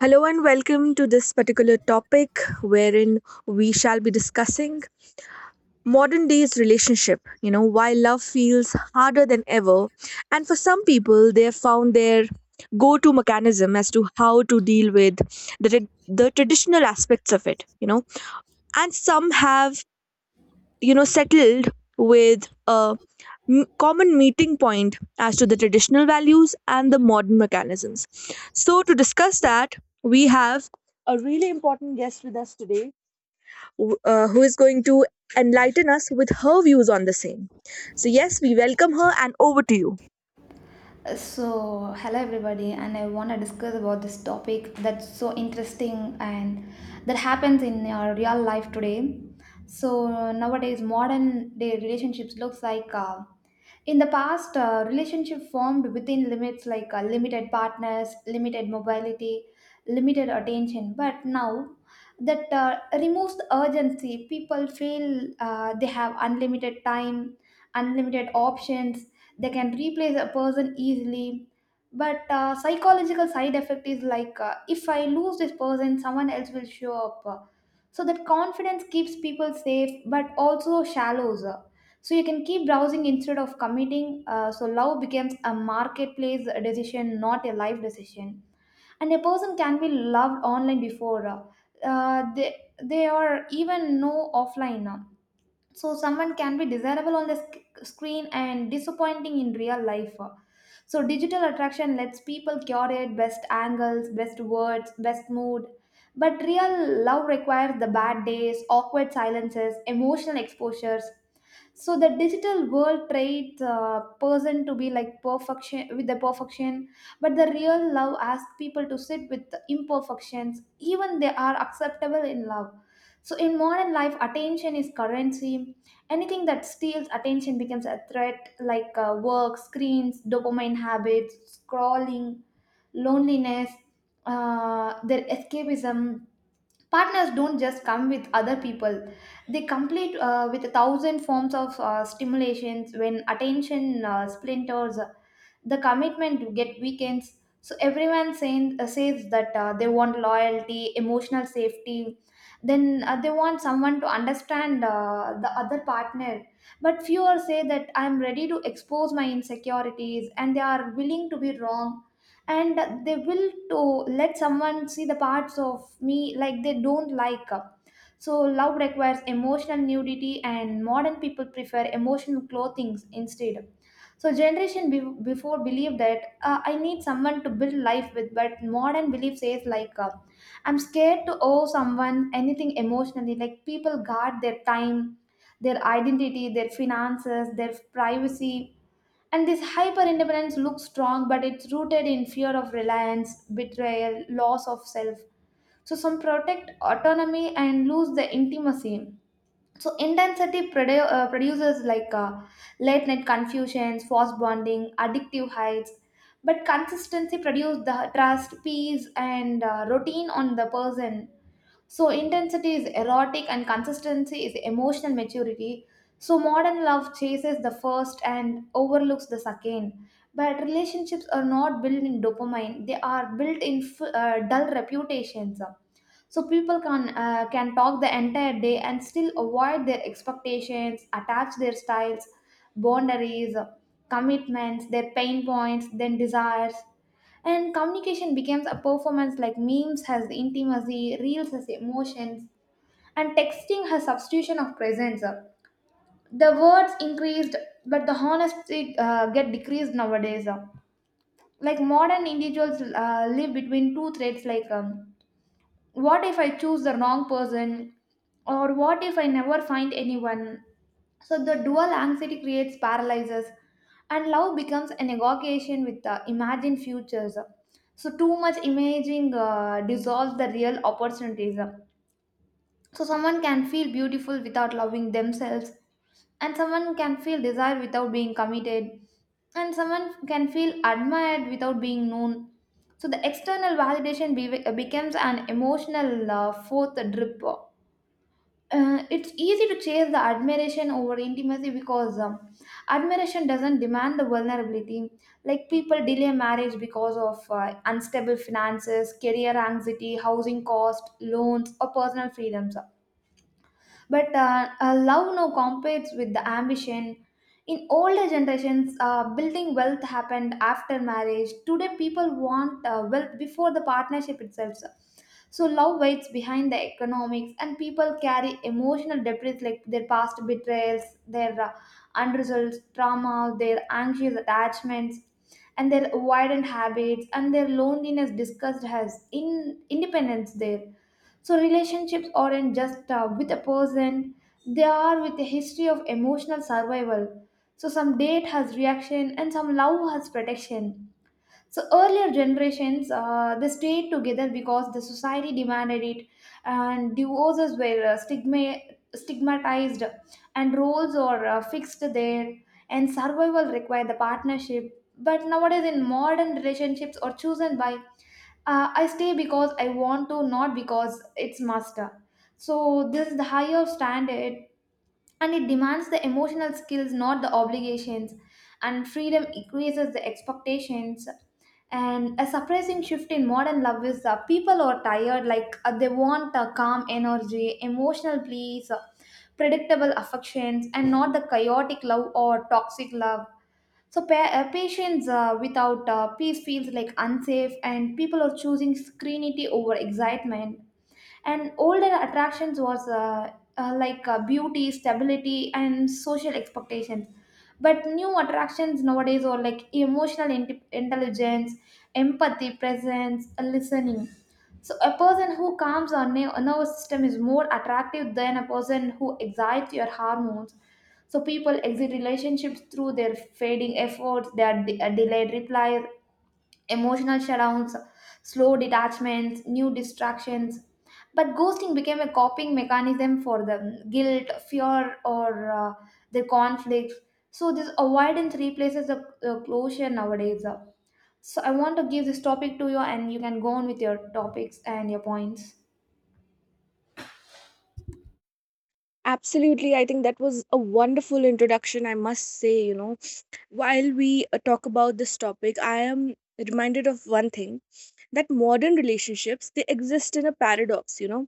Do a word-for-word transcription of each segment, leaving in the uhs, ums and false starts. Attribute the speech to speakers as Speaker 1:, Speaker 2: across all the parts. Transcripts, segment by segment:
Speaker 1: Hello and welcome to this particular topic wherein we shall be discussing modern day's relationship. You know, why love feels harder than ever. And for some people, they have found their go to mechanism as to how to deal with the, tra- the traditional aspects of it, you know. And some have you know settled with a m- common meeting point as to the traditional values and the modern mechanisms, so to discuss that, we have a really important guest with us today, w- uh, who is going to enlighten us with her views on the same. So yes, we welcome her, and over to you.
Speaker 2: So, hello everybody, and I want to discuss about this topic that's so interesting and that happens in our real life today. So nowadays, modern day relationships looks like uh, in the past, uh, relationship formed within limits like uh, limited partners, limited mobility, limited attention. But now, that uh, removes the urgency. People feel uh, they have unlimited time, unlimited options. They can replace a person easily. But uh, psychological side effect is like uh, if I lose this person, someone else will show up. So that confidence keeps people safe, but also shallows. So you can keep browsing instead of committing. Uh, so love becomes a marketplace decision, not a life decision. And a person can be loved online before uh, uh, they they are even know offline. uh. So someone can be desirable on the sc- screen and disappointing in real life. uh. So digital attraction lets people curate best angles, best words, best mood. But real love requires the bad days, awkward silences, emotional exposures, so the digital world traits uh, person to be like perfection with the perfection, but the real love asks people to sit with the imperfections even they are acceptable in love. So in modern life attention is currency. Anything that steals attention becomes a threat like uh, work, screens, dopamine habits, scrolling, loneliness, uh, their escapism. Partners don't just come with other people, they complete uh, with a thousand forms of uh, stimulations. When attention uh, splinters the commitment to get weekends, so everyone saying, uh, says that uh, they want loyalty, emotional safety, then uh, they want someone to understand uh, the other partner. But fewer say that I'm ready to expose my insecurities and they are willing to be wrong and they will to let someone see the parts of me like they don't like. So love requires emotional nudity and modern people prefer emotional clothing instead. So generation be- before believed that uh, I need someone to build life with, but modern belief says like uh, I'm scared to owe someone anything emotionally. Like people guard their time, their identity, their finances, their privacy. And this hyper independence looks strong, but it's rooted in fear of reliance, betrayal, loss of self. So, some protect autonomy and lose the intimacy. So, intensity produ- uh, produces like uh, late night confusions, forced bonding, addictive heights. But consistency produces the trust, peace, and uh, routine on the person. So intensity is erotic and consistency is emotional maturity. So modern love chases the first and overlooks the second. But relationships are not built in dopamine, they are built in f- uh, dull reputations. So people can uh, can talk the entire day and still avoid their expectations, attach their styles, boundaries, commitments, their pain points, then desires. And communication becomes a performance like memes has intimacy, reels has emotions, and texting has substitution of presence. The words increased, but the honesty uh, get decreased nowadays. Like modern individuals uh, live between two threads like um, what if I choose the wrong person, or what if I never find anyone? So the dual anxiety creates paralysis, and love becomes an negotiation with the imagined futures. So too much imaging uh, dissolves the real opportunities. So someone can feel beautiful without loving themselves, and someone can feel desire without being committed, and someone can feel admired without being known. So the external validation be- becomes an emotional uh, fourth drip. Uh, it's easy to chase the admiration over intimacy because um, admiration doesn't demand the vulnerability. Like people delay marriage because of uh, unstable finances, career anxiety, housing cost, loans, or personal freedoms, but uh, uh, love now competes with the ambition. In older generations, uh, building wealth happened after marriage. Today people want uh, wealth before the partnership itself. So love waits behind the economics, and people carry emotional debris like their past betrayals, their uh, unresolved trauma, their anxious attachments, and their avoidant habits, and their loneliness discussed as in independence there. So relationships aren't just uh, with a person; they are with a history of emotional survival. So some date has reaction, and some love has protection. So earlier generations, uh, they stayed together because the society demanded it, and divorces were uh, stigma stigmatized, and roles are uh, fixed there, and survival required the partnership. But nowadays, in modern relationships, are chosen by uh, I stay because I want to, not because it's must. So this is the higher standard, and it demands the emotional skills, not the obligations. And freedom increases the expectations. And a surprising shift in modern love is uh, people are tired, like uh, they want a calm energy, emotional peace, uh, predictable affections, and not the chaotic love or toxic love. So pa- uh, patients uh, without uh, peace feels like unsafe, and people are choosing screenity over excitement. And older attractions was uh, uh, like uh, beauty, stability and social expectations, but new attractions nowadays are like emotional int- intelligence, empathy, presence, uh, listening. So a person who calms our ner- nervous system is more attractive than a person who excites your hormones. So people exit relationships through their fading efforts, their de- uh, delayed replies, emotional shutdowns, slow detachments, new distractions. But ghosting became a coping mechanism for them, guilt, fear, or uh, their conflicts. So, this avoidance replaces the uh, closure nowadays. So, I want to give this topic to you, and you can go on with your topics and your points.
Speaker 1: Absolutely, I think that was a wonderful introduction, I must say. You know, while we uh, talk about this topic, I am reminded of one thing, that modern relationships, they exist in a paradox. You know,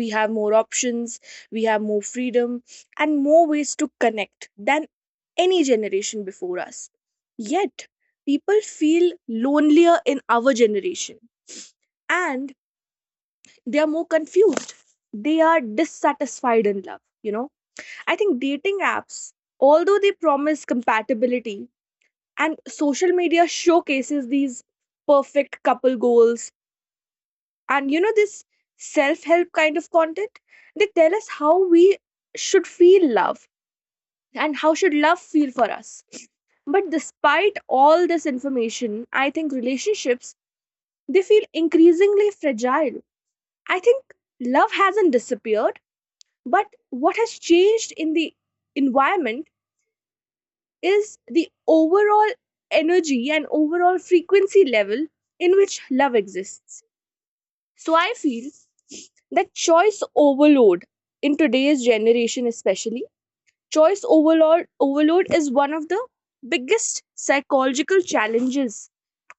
Speaker 1: we have more options, we have more freedom and more ways to connect than any generation before us, yet people feel lonelier in our generation, and they are more confused, they are dissatisfied in love, you know. I think dating apps, although they promise compatibility, and social media showcases these perfect couple goals, and you know, this self-help kind of content, they tell us how we should feel love and how should love feel for us. But despite all this information, I think relationships, they feel increasingly fragile. I think love hasn't disappeared, but what has changed in the environment is the overall energy and overall frequency level in which love exists. So I feel that choice overload in today's generation, especially, choice overload overload is one of the biggest psychological challenges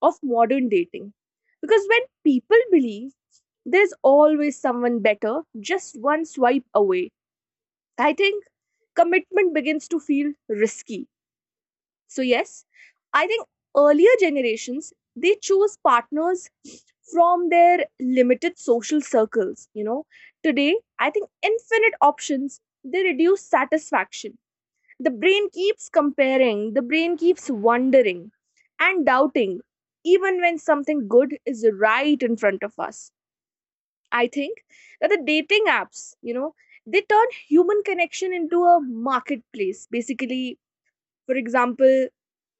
Speaker 1: of modern dating. Because when people believe there's always someone better just one swipe away, I think commitment begins to feel risky. So yes, I think earlier generations, they chose partners from their limited social circles, you know. Today, I think infinite options, they reduce satisfaction. The brain keeps comparing, the brain keeps wondering and doubting even when something good is right in front of us. I think that the dating apps, you know, they turn human connection into a marketplace. Basically, for example,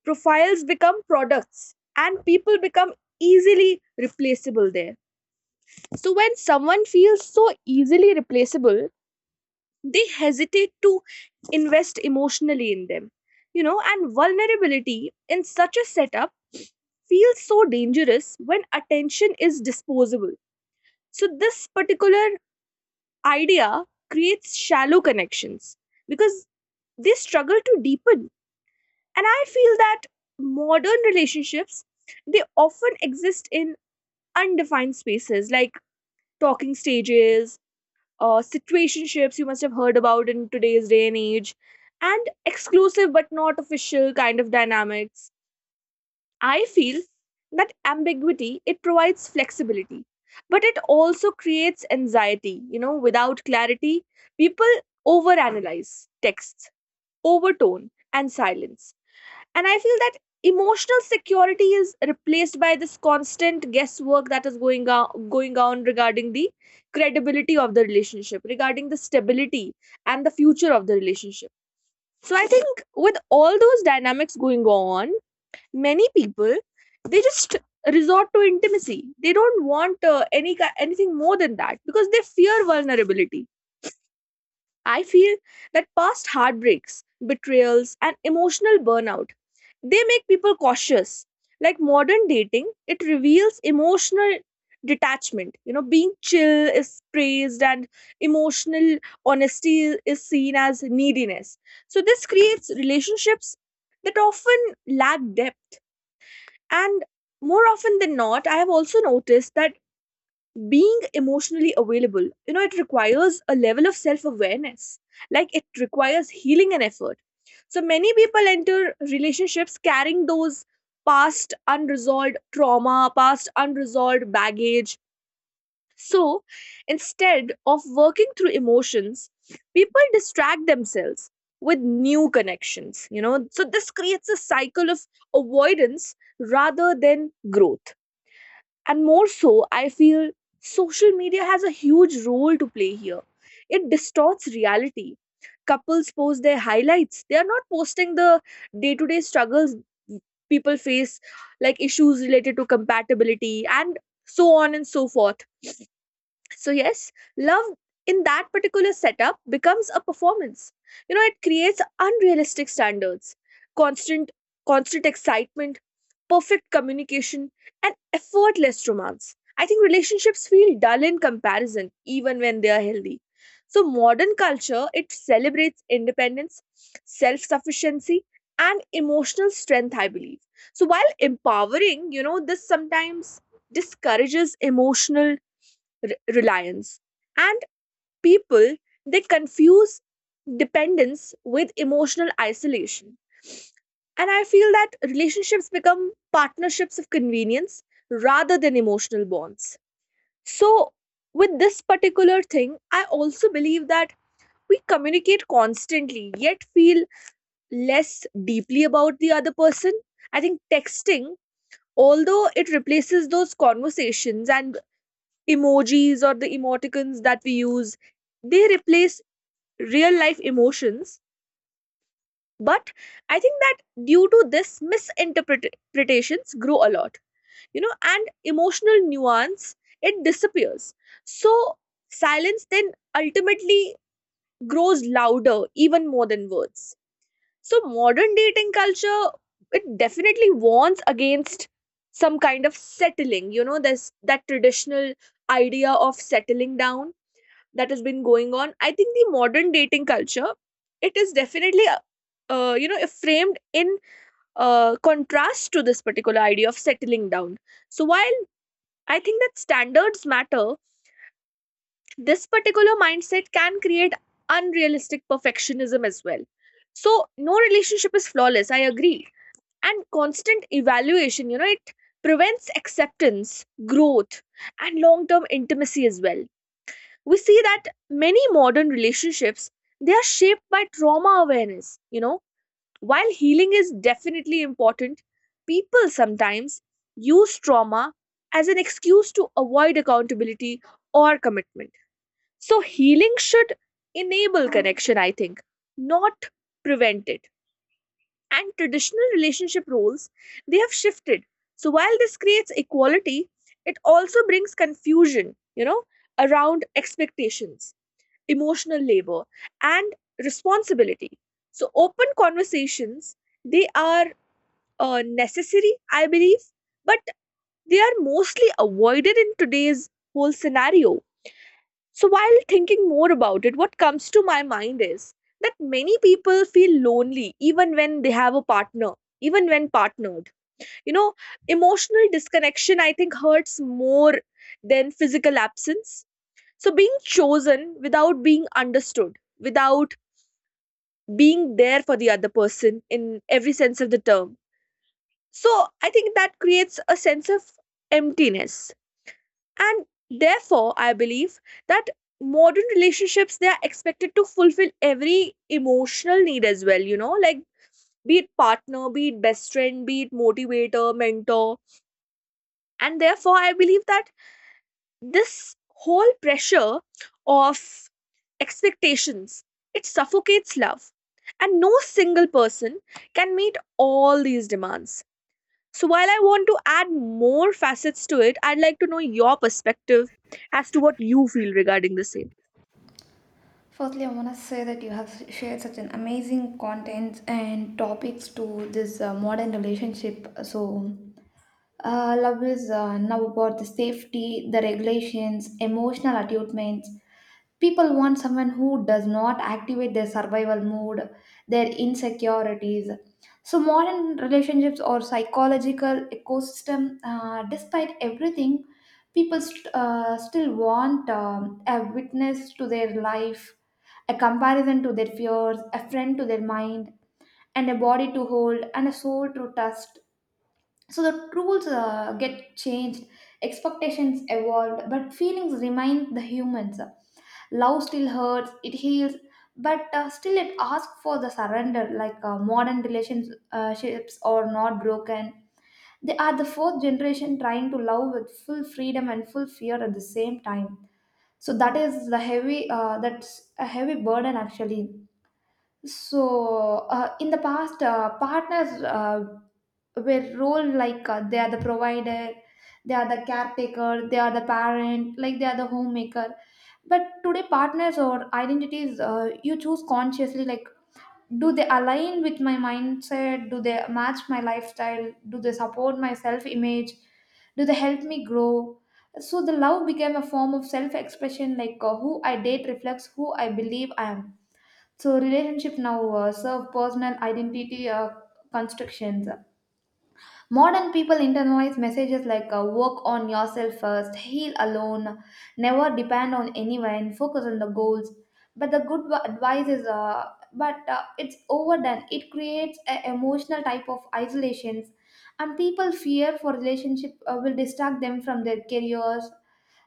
Speaker 1: profiles become products and people become easily replaceable there. So when someone feels so easily replaceable, they hesitate to invest emotionally in them. You know, and vulnerability in such a setup feels so dangerous when attention is disposable. So, this particular idea creates shallow connections because they struggle to deepen. And I feel that modern relationships, they often exist in undefined spaces like talking stages, uh, situationships you must have heard about in today's day and age, and exclusive but not official kind of dynamics. I feel that ambiguity, it provides flexibility, but it also creates anxiety, you know. Without clarity, people overanalyze texts, overtone, and silence. And I feel that emotional security is replaced by this constant guesswork that is going on, going on regarding the credibility of the relationship, regarding the stability and the future of the relationship. So I think with all those dynamics going on, many people, they just resort to intimacy. They don't want uh, any ki- anything more than that because they fear vulnerability. I feel that past heartbreaks, betrayals, and emotional burnout, they make people cautious. Like modern dating, it reveals emotional detachment. You know, being chill is praised and emotional honesty is seen as neediness. So this creates relationships that often lack depth. And more often than not, I have also noticed that being emotionally available, you know, it requires a level of self awareness, like it requires healing and effort. So many people enter relationships carrying those past unresolved trauma, past unresolved baggage. So instead of working through emotions, people distract themselves with new connections, you know. So this creates a cycle of avoidance rather than growth. And more so, I feel social media has a huge role to play here. It distorts reality. Couples post their highlights, they are not posting the day-to-day struggles people face, like issues related to compatibility and so on and so forth. So, yes, love in that particular setup becomes a performance. You know, it creates unrealistic standards, constant, constant excitement, perfect communication, and effortless romance. I think relationships feel dull in comparison, even when they are healthy. So, modern culture, it celebrates independence, self sufficiency, and emotional strength, I believe. So, while empowering, you know, this sometimes discourages emotional re- reliance. And people, they confuse dependence with emotional isolation. And I feel that relationships become partnerships of convenience rather than emotional bonds. So, with this particular thing, I also believe that we communicate constantly yet feel less deeply about the other person. I think texting, although it replaces those conversations, and emojis or the emoticons that we use, they replace real life emotions. But I think that due to this, misinterpretations grow a lot, you know, and emotional nuance, it disappears. So silence then ultimately grows louder even more than words. So modern dating culture, it definitely warns against some kind of settling. You know, there's that traditional idea of settling down that has been going on. I think the modern dating culture, it is definitely uh, uh, you know framed in uh, contrast to this particular idea of settling down. So while I think that standards matter, this particular mindset can create unrealistic perfectionism as well. So no relationship is flawless, I agree. And constant evaluation, you know, it prevents acceptance, growth, and long term intimacy as well. We see that many modern relationships, they are shaped by trauma awareness, you know. While healing is definitely important, people sometimes use trauma as an excuse to avoid accountability or commitment. So healing should enable connection, I think, not prevent it. And traditional relationship roles, they have shifted. So while this creates equality, it also brings confusion, you know, around expectations, emotional labor, and responsibility. So open conversations, they are uh, necessary, I believe, but they are mostly avoided in today's whole scenario. So while thinking more about it, what comes to my mind is that many people feel lonely even when they have a partner, even when partnered, you know. Emotional disconnection, I think, hurts more than physical absence. So being chosen without being understood, without being there for the other person in every sense of the term. So I think that creates a sense of emptiness. And therefore, I believe that modern relationships, they are expected to fulfill every emotional need as well, you know, like be it partner, be it best friend, be it motivator, mentor. And therefore, I believe that this whole pressure of expectations, it suffocates love, and no single person can meet all these demands. So while I want to add more facets to it, I'd like to know your perspective as to what you feel regarding the same.
Speaker 2: Firstly, I want to say that you have shared such an amazing content and topics to this uh, modern relationship. So, Uh, love is uh, now about the safety, the regulations, emotional attunements. People want someone who does not activate their survival mode, their insecurities. So, modern relationships or psychological ecosystem, uh, despite everything, people st- uh, still want um, a witness to their life, a comparison to their fears, a friend to their mind, and a body to hold, and a soul to trust. So the rules uh, get changed, expectations evolved, but feelings remain the humans. Love still hurts, it heals, but uh, still it asks for the surrender. Like uh, modern relationships are not broken, they are the fourth generation trying to love with full freedom and full fear at the same time. So that is the heavy uh, that's a heavy burden actually. So, uh, in the past, uh, partners uh, were role like uh, they are the provider, they are the caretaker, they are the parent, like they are the homemaker. But today, partners or identities uh, you choose consciously. Like, do they align with my mindset? Do they match my lifestyle? Do they support my self image? Do they help me grow? So, the love became a form of self expression, like uh, who I date reflects who I believe I am. So relationship now uh, serve personal identity uh, constructions. Modern people internalize messages like uh, work on yourself first, heal alone, never depend on anyone, focus on the goals. But the good wa- advice is, uh, but uh, it's overdone. It creates an emotional type of isolations, and people fear for relationship uh, will distract them from their careers.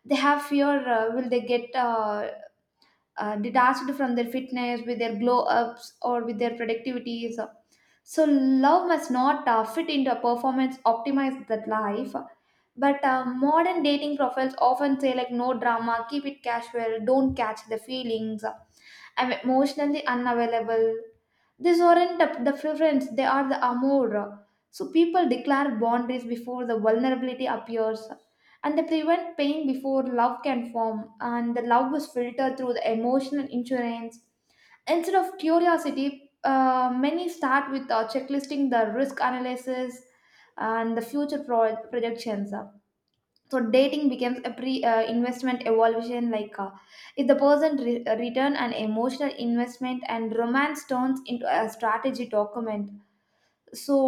Speaker 2: They have fear uh, will they get uh, uh, detached from their fitness, with their glow ups, or with their productivities. So, love must not uh, fit into a performance optimized that life. But uh, modern dating profiles often say, like, no drama, keep it casual, don't catch the feelings. I'm emotionally unavailable. These aren't the the preference, they are the amour. So people declare boundaries before the vulnerability appears, and they prevent pain before love can form, and the love is filtered through the emotional insurance. Instead of curiosity, uh, many start with uh, checklisting the risk analysis and the future pro- projections. So dating becomes a pre uh, investment evaluation, like uh, if the person re- uh, return an emotional investment, and romance turns into a strategy document. So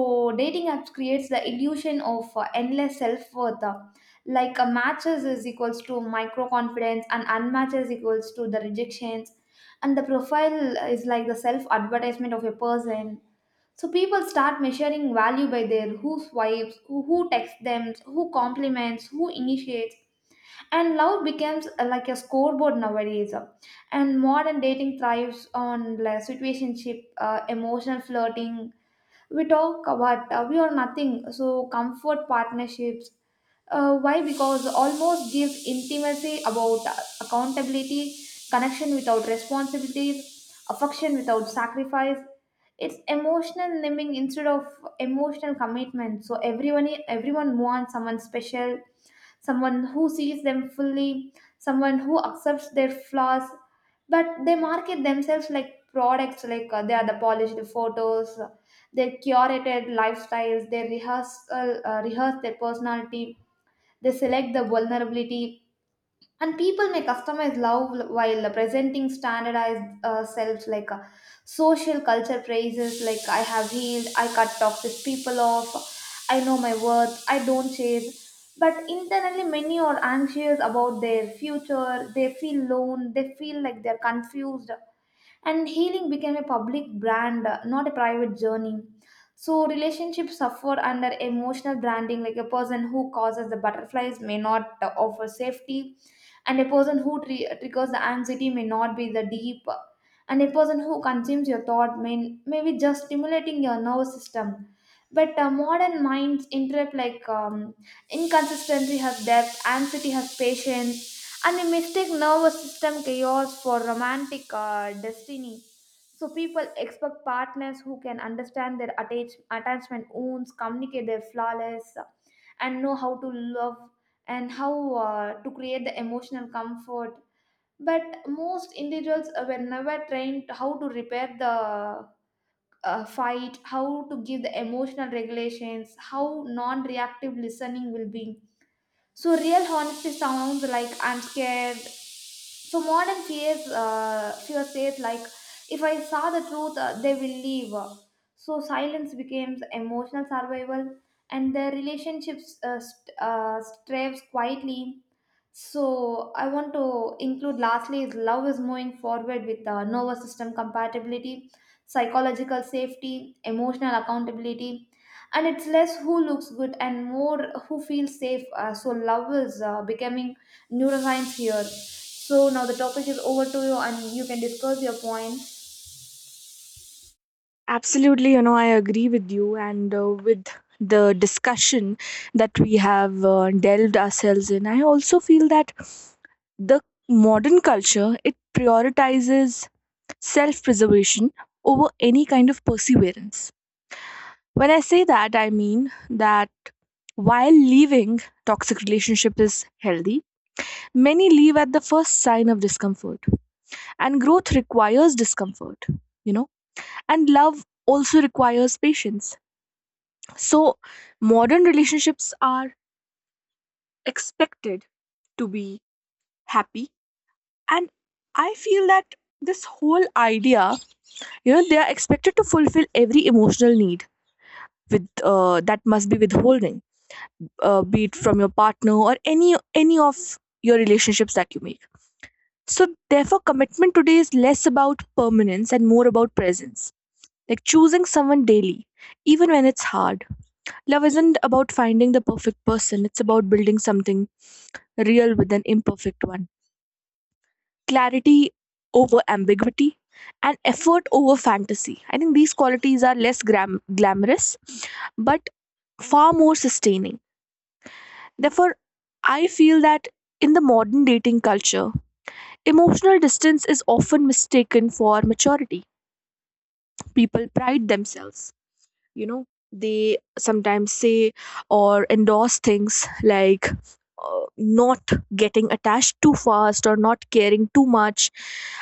Speaker 2: dating apps creates the illusion of uh, endless self-worth, uh, like a matches is equals to micro confidence and unmatches equals to the rejections, and the profile is like the self advertisement of a person. So people start measuring value by their who swipes who, who texts them, who compliments, who initiates, and love becomes uh, like a scoreboard nowadays uh, And modern dating thrives on like, situationship, uh, emotional flirting. We talk about uh, we are nothing, so comfort partnerships, uh, why, because almost gives intimacy about uh, accountability, connection without responsibilities, affection without sacrifice. It's emotional living instead of emotional commitment. So everyone everyone wants someone special, someone who sees them fully, someone who accepts their flaws, but they market themselves like products like uh, they are the polished photos, their curated lifestyles, they rehearse, uh, uh, rehearse their personality, they select the vulnerability, and people may customize love while presenting standardized uh, selves. Like uh, social culture praises like I have healed, I cut toxic people off, I know my worth, I don't chase, but internally many are anxious about their future, they feel alone, they feel like they're confused, and healing became a public brand, uh, not a private journey. So relationships suffer under emotional branding. Like a person who causes the butterflies may not uh, offer safety, and a person who tri- uh, triggers the anxiety may not be the deep uh, and a person who consumes your thought may, may be just stimulating your nervous system. But uh, modern minds interrupt like um, inconsistency has depth, anxiety has patience, and a mistake nervous system chaos for romantic uh, destiny. So people expect partners who can understand their attach- attachment wounds, communicate their flawless uh, and know how to love and how uh, to create the emotional comfort. But most individuals uh, were never trained how to repair the uh, fight, how to give the emotional regulations, how non-reactive listening will be. So real honesty sounds like I'm scared. So modern fears, uh, fear says like, if I saw the truth, uh, they will leave. So silence becomes emotional survival, and the relationships uh, st- uh, strays quietly. So I want to include lastly is love is moving forward with uh, nervous system compatibility, psychological safety, emotional accountability, and it's less who looks good and more who feels safe. Uh, so love is uh, becoming neuroscience here. So now the topic is over to you and you can discuss your point.
Speaker 1: Absolutely, you know, I agree with you, and uh, with the discussion that we have uh, delved ourselves in, I also feel that the modern culture, it prioritizes self preservation over any kind of perseverance. When I say that, I mean that while leaving toxic relationship is healthy, many leave at the first sign of discomfort. And growth requires discomfort, you know, and love also requires patience. So, modern relationships are expected to be happy. And I feel that this whole idea, you know, they are expected to fulfill every emotional need with uh, that must be withholding, uh, be it from your partner or any any of your relationships that you make. So therefore, commitment today is less about permanence and more about presence, like choosing someone daily even when it's hard. Love isn't about finding the perfect person, it's about building something real with an imperfect one. Clarity over ambiguity and effort over fantasy, I think these qualities are less gram- glamorous, but far more sustaining. Therefore, I feel that in the modern dating culture, emotional distance is often mistaken for maturity. People pride themselves, you know, they sometimes say or endorse things like uh, not getting attached too fast or not caring too much.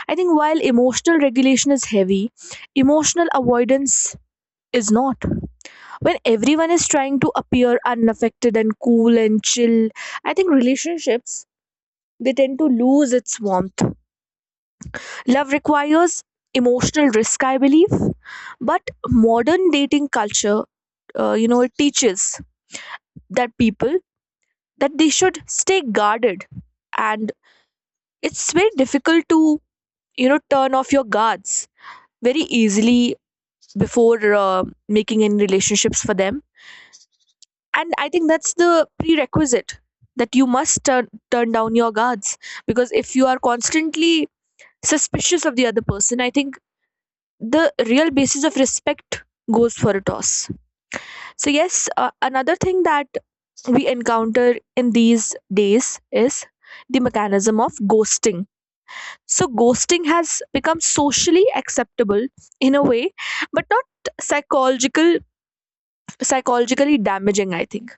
Speaker 1: I think while emotional regulation is heavy, emotional avoidance is not. When everyone is trying to appear unaffected and cool and chill, I think relationships, they tend to lose its warmth. Love requires emotional risk, I believe. But modern dating culture, uh, you know, it teaches that people, that they should stay guarded, and it's very difficult to, you know, turn off your guards very easily before uh, making any relationships for them. And I think that's the prerequisite, that you must turn turn down your guards, because if you are constantly suspicious of the other person, I think the real basis of respect goes for a toss. So, yes, uh, another thing that we encounter in these days is the mechanism of ghosting. So, ghosting has become socially acceptable in a way, but not psychological psychologically damaging, I think,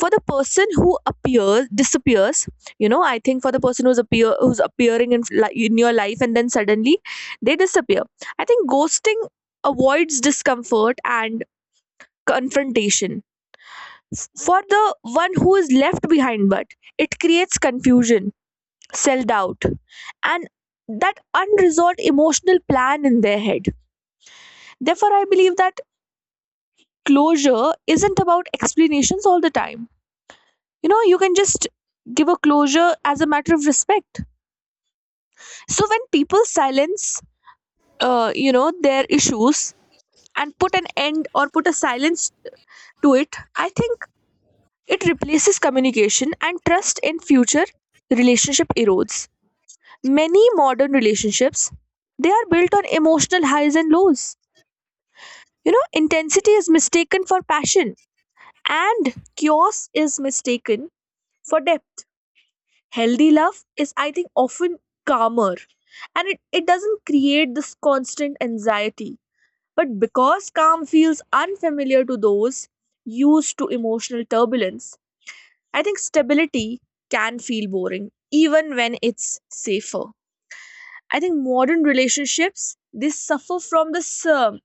Speaker 1: for the person who appears disappears you know I think for the person who's appear who's appearing in li- in your life and then suddenly they disappear. I think ghosting avoids discomfort and confrontation for the one who is left behind, but it creates confusion, self-doubt, and that unresolved emotional plan in their head. Therefore, I believe that closure isn't about explanations all the time. You know, you can just give a closure as a matter of respect. So when people silence uh, you know their issues and put an end or put a silence to it, I think it replaces communication, and trust in future relationship erodes. Many modern relationships, they are built on emotional highs and lows. You know, intensity is mistaken for passion, and chaos is mistaken for depth. Healthy love is, I think, often calmer, and it, it doesn't create this constant anxiety. But because calm feels unfamiliar to those used to emotional turbulence, I think stability can feel boring even when it's safer. I think modern relationships, they suffer from this um,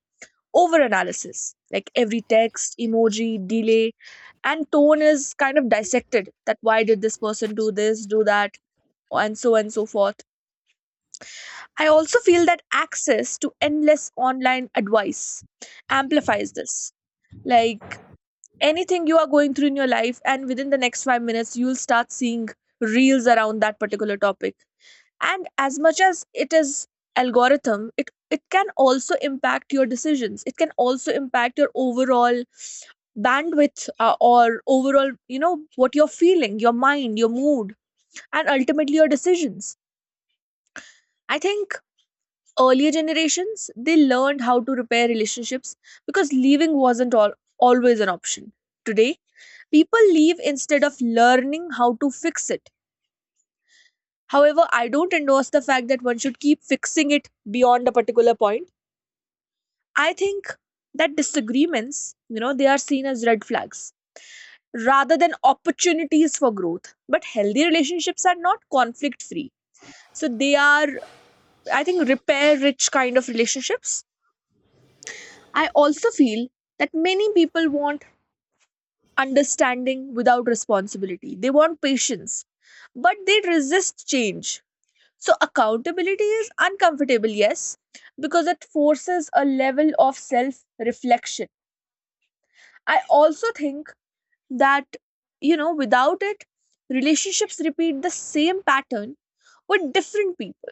Speaker 1: over analysis, like every text, emoji, delay and tone is kind of dissected, that why did this person do this, do that, and so and so forth. I also feel that access to endless online advice amplifies this. Like, anything you are going through in your life, and within the next five minutes, you'll start seeing reels around that particular topic. And as much as it is algorithm, it it can also impact your decisions. It can also impact your overall bandwidth, uh, or overall, you know, what you're feeling, your mind, your mood, and ultimately your decisions. I think earlier generations, they learned how to repair relationships because leaving wasn't all, always an option. Today, people leave instead of learning how to fix it. However, I don't endorse the fact that one should keep fixing it beyond a particular point. I think that disagreements, you know, they are seen as red flags rather than opportunities for growth. But healthy relationships are not conflict free. So they are, I think, repair rich kind of relationships. I also feel that many people want understanding without responsibility. They want patience, but they resist change. So, accountability is uncomfortable, yes, because it forces a level of self reflection. I also think that, you know, without it, relationships repeat the same pattern with different people.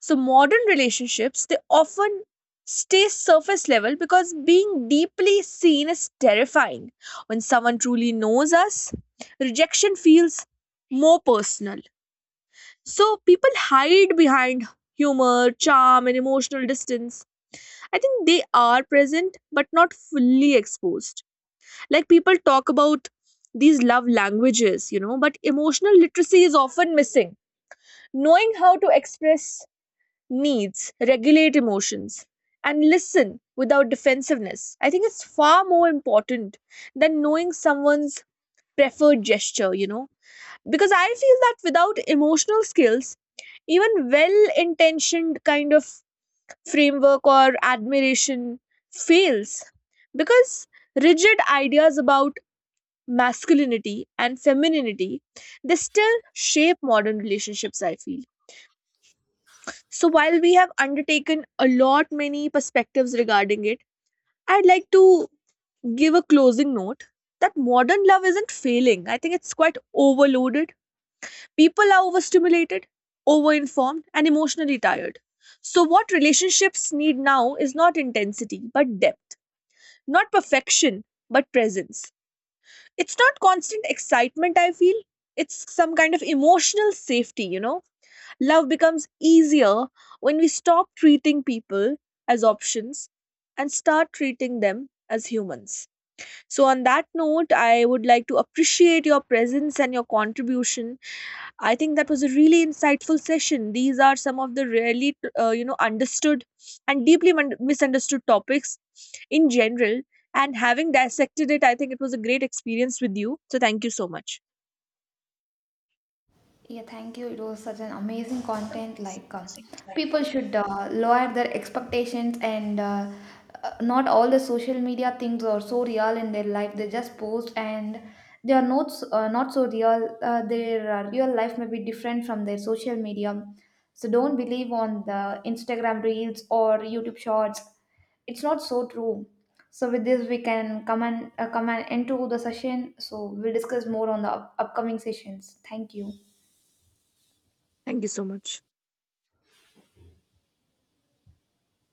Speaker 1: So modern relationships, they often stay surface level because being deeply seen is terrifying. When someone truly knows us, rejection feels more personal. So people hide behind humor, charm and emotional distance. I think they are present but not fully exposed. Like, people talk about these love languages, you know, but emotional literacy is often missing. Knowing how to express needs, regulate emotions, and listen without defensiveness, I think it's far more important than knowing someone's preferred gesture, you know, because I feel that without emotional skills, even well intentioned kind of framework or admiration fails, because rigid ideas about masculinity and femininity, they still shape modern relationships, I feel. So while we have undertaken a lot many perspectives regarding it, I'd like to give a closing note that modern love isn't failing. I think it's quite overloaded. People are overstimulated, overinformed, and emotionally tired. So what relationships need now is not intensity, but depth. Not perfection, but presence. It's not constant excitement, I feel. It's some kind of emotional safety, you know? Love becomes easier when we stop treating people as options and start treating them as humans. So, on that note, I would like to appreciate your presence and your contribution. I think that was a really insightful session. These are some of the rarely, uh, you know, understood and deeply mun- misunderstood topics in general. And having dissected it, I think it was a great experience with you. So, thank you so much.
Speaker 2: Yeah, thank you. It was such an amazing content. Like, uh, people should uh, lower their expectations and uh, uh, not all the social media things are so real in their life. They just post and they are not s- uh, not so real. Uh, their uh, real life may be different from their social media. So don't believe on the Instagram reels or YouTube shorts. It's not so true. So with this, we can come and uh, come and end to the session. So we'll discuss more on the up- upcoming sessions. Thank you.
Speaker 1: Thank you so much.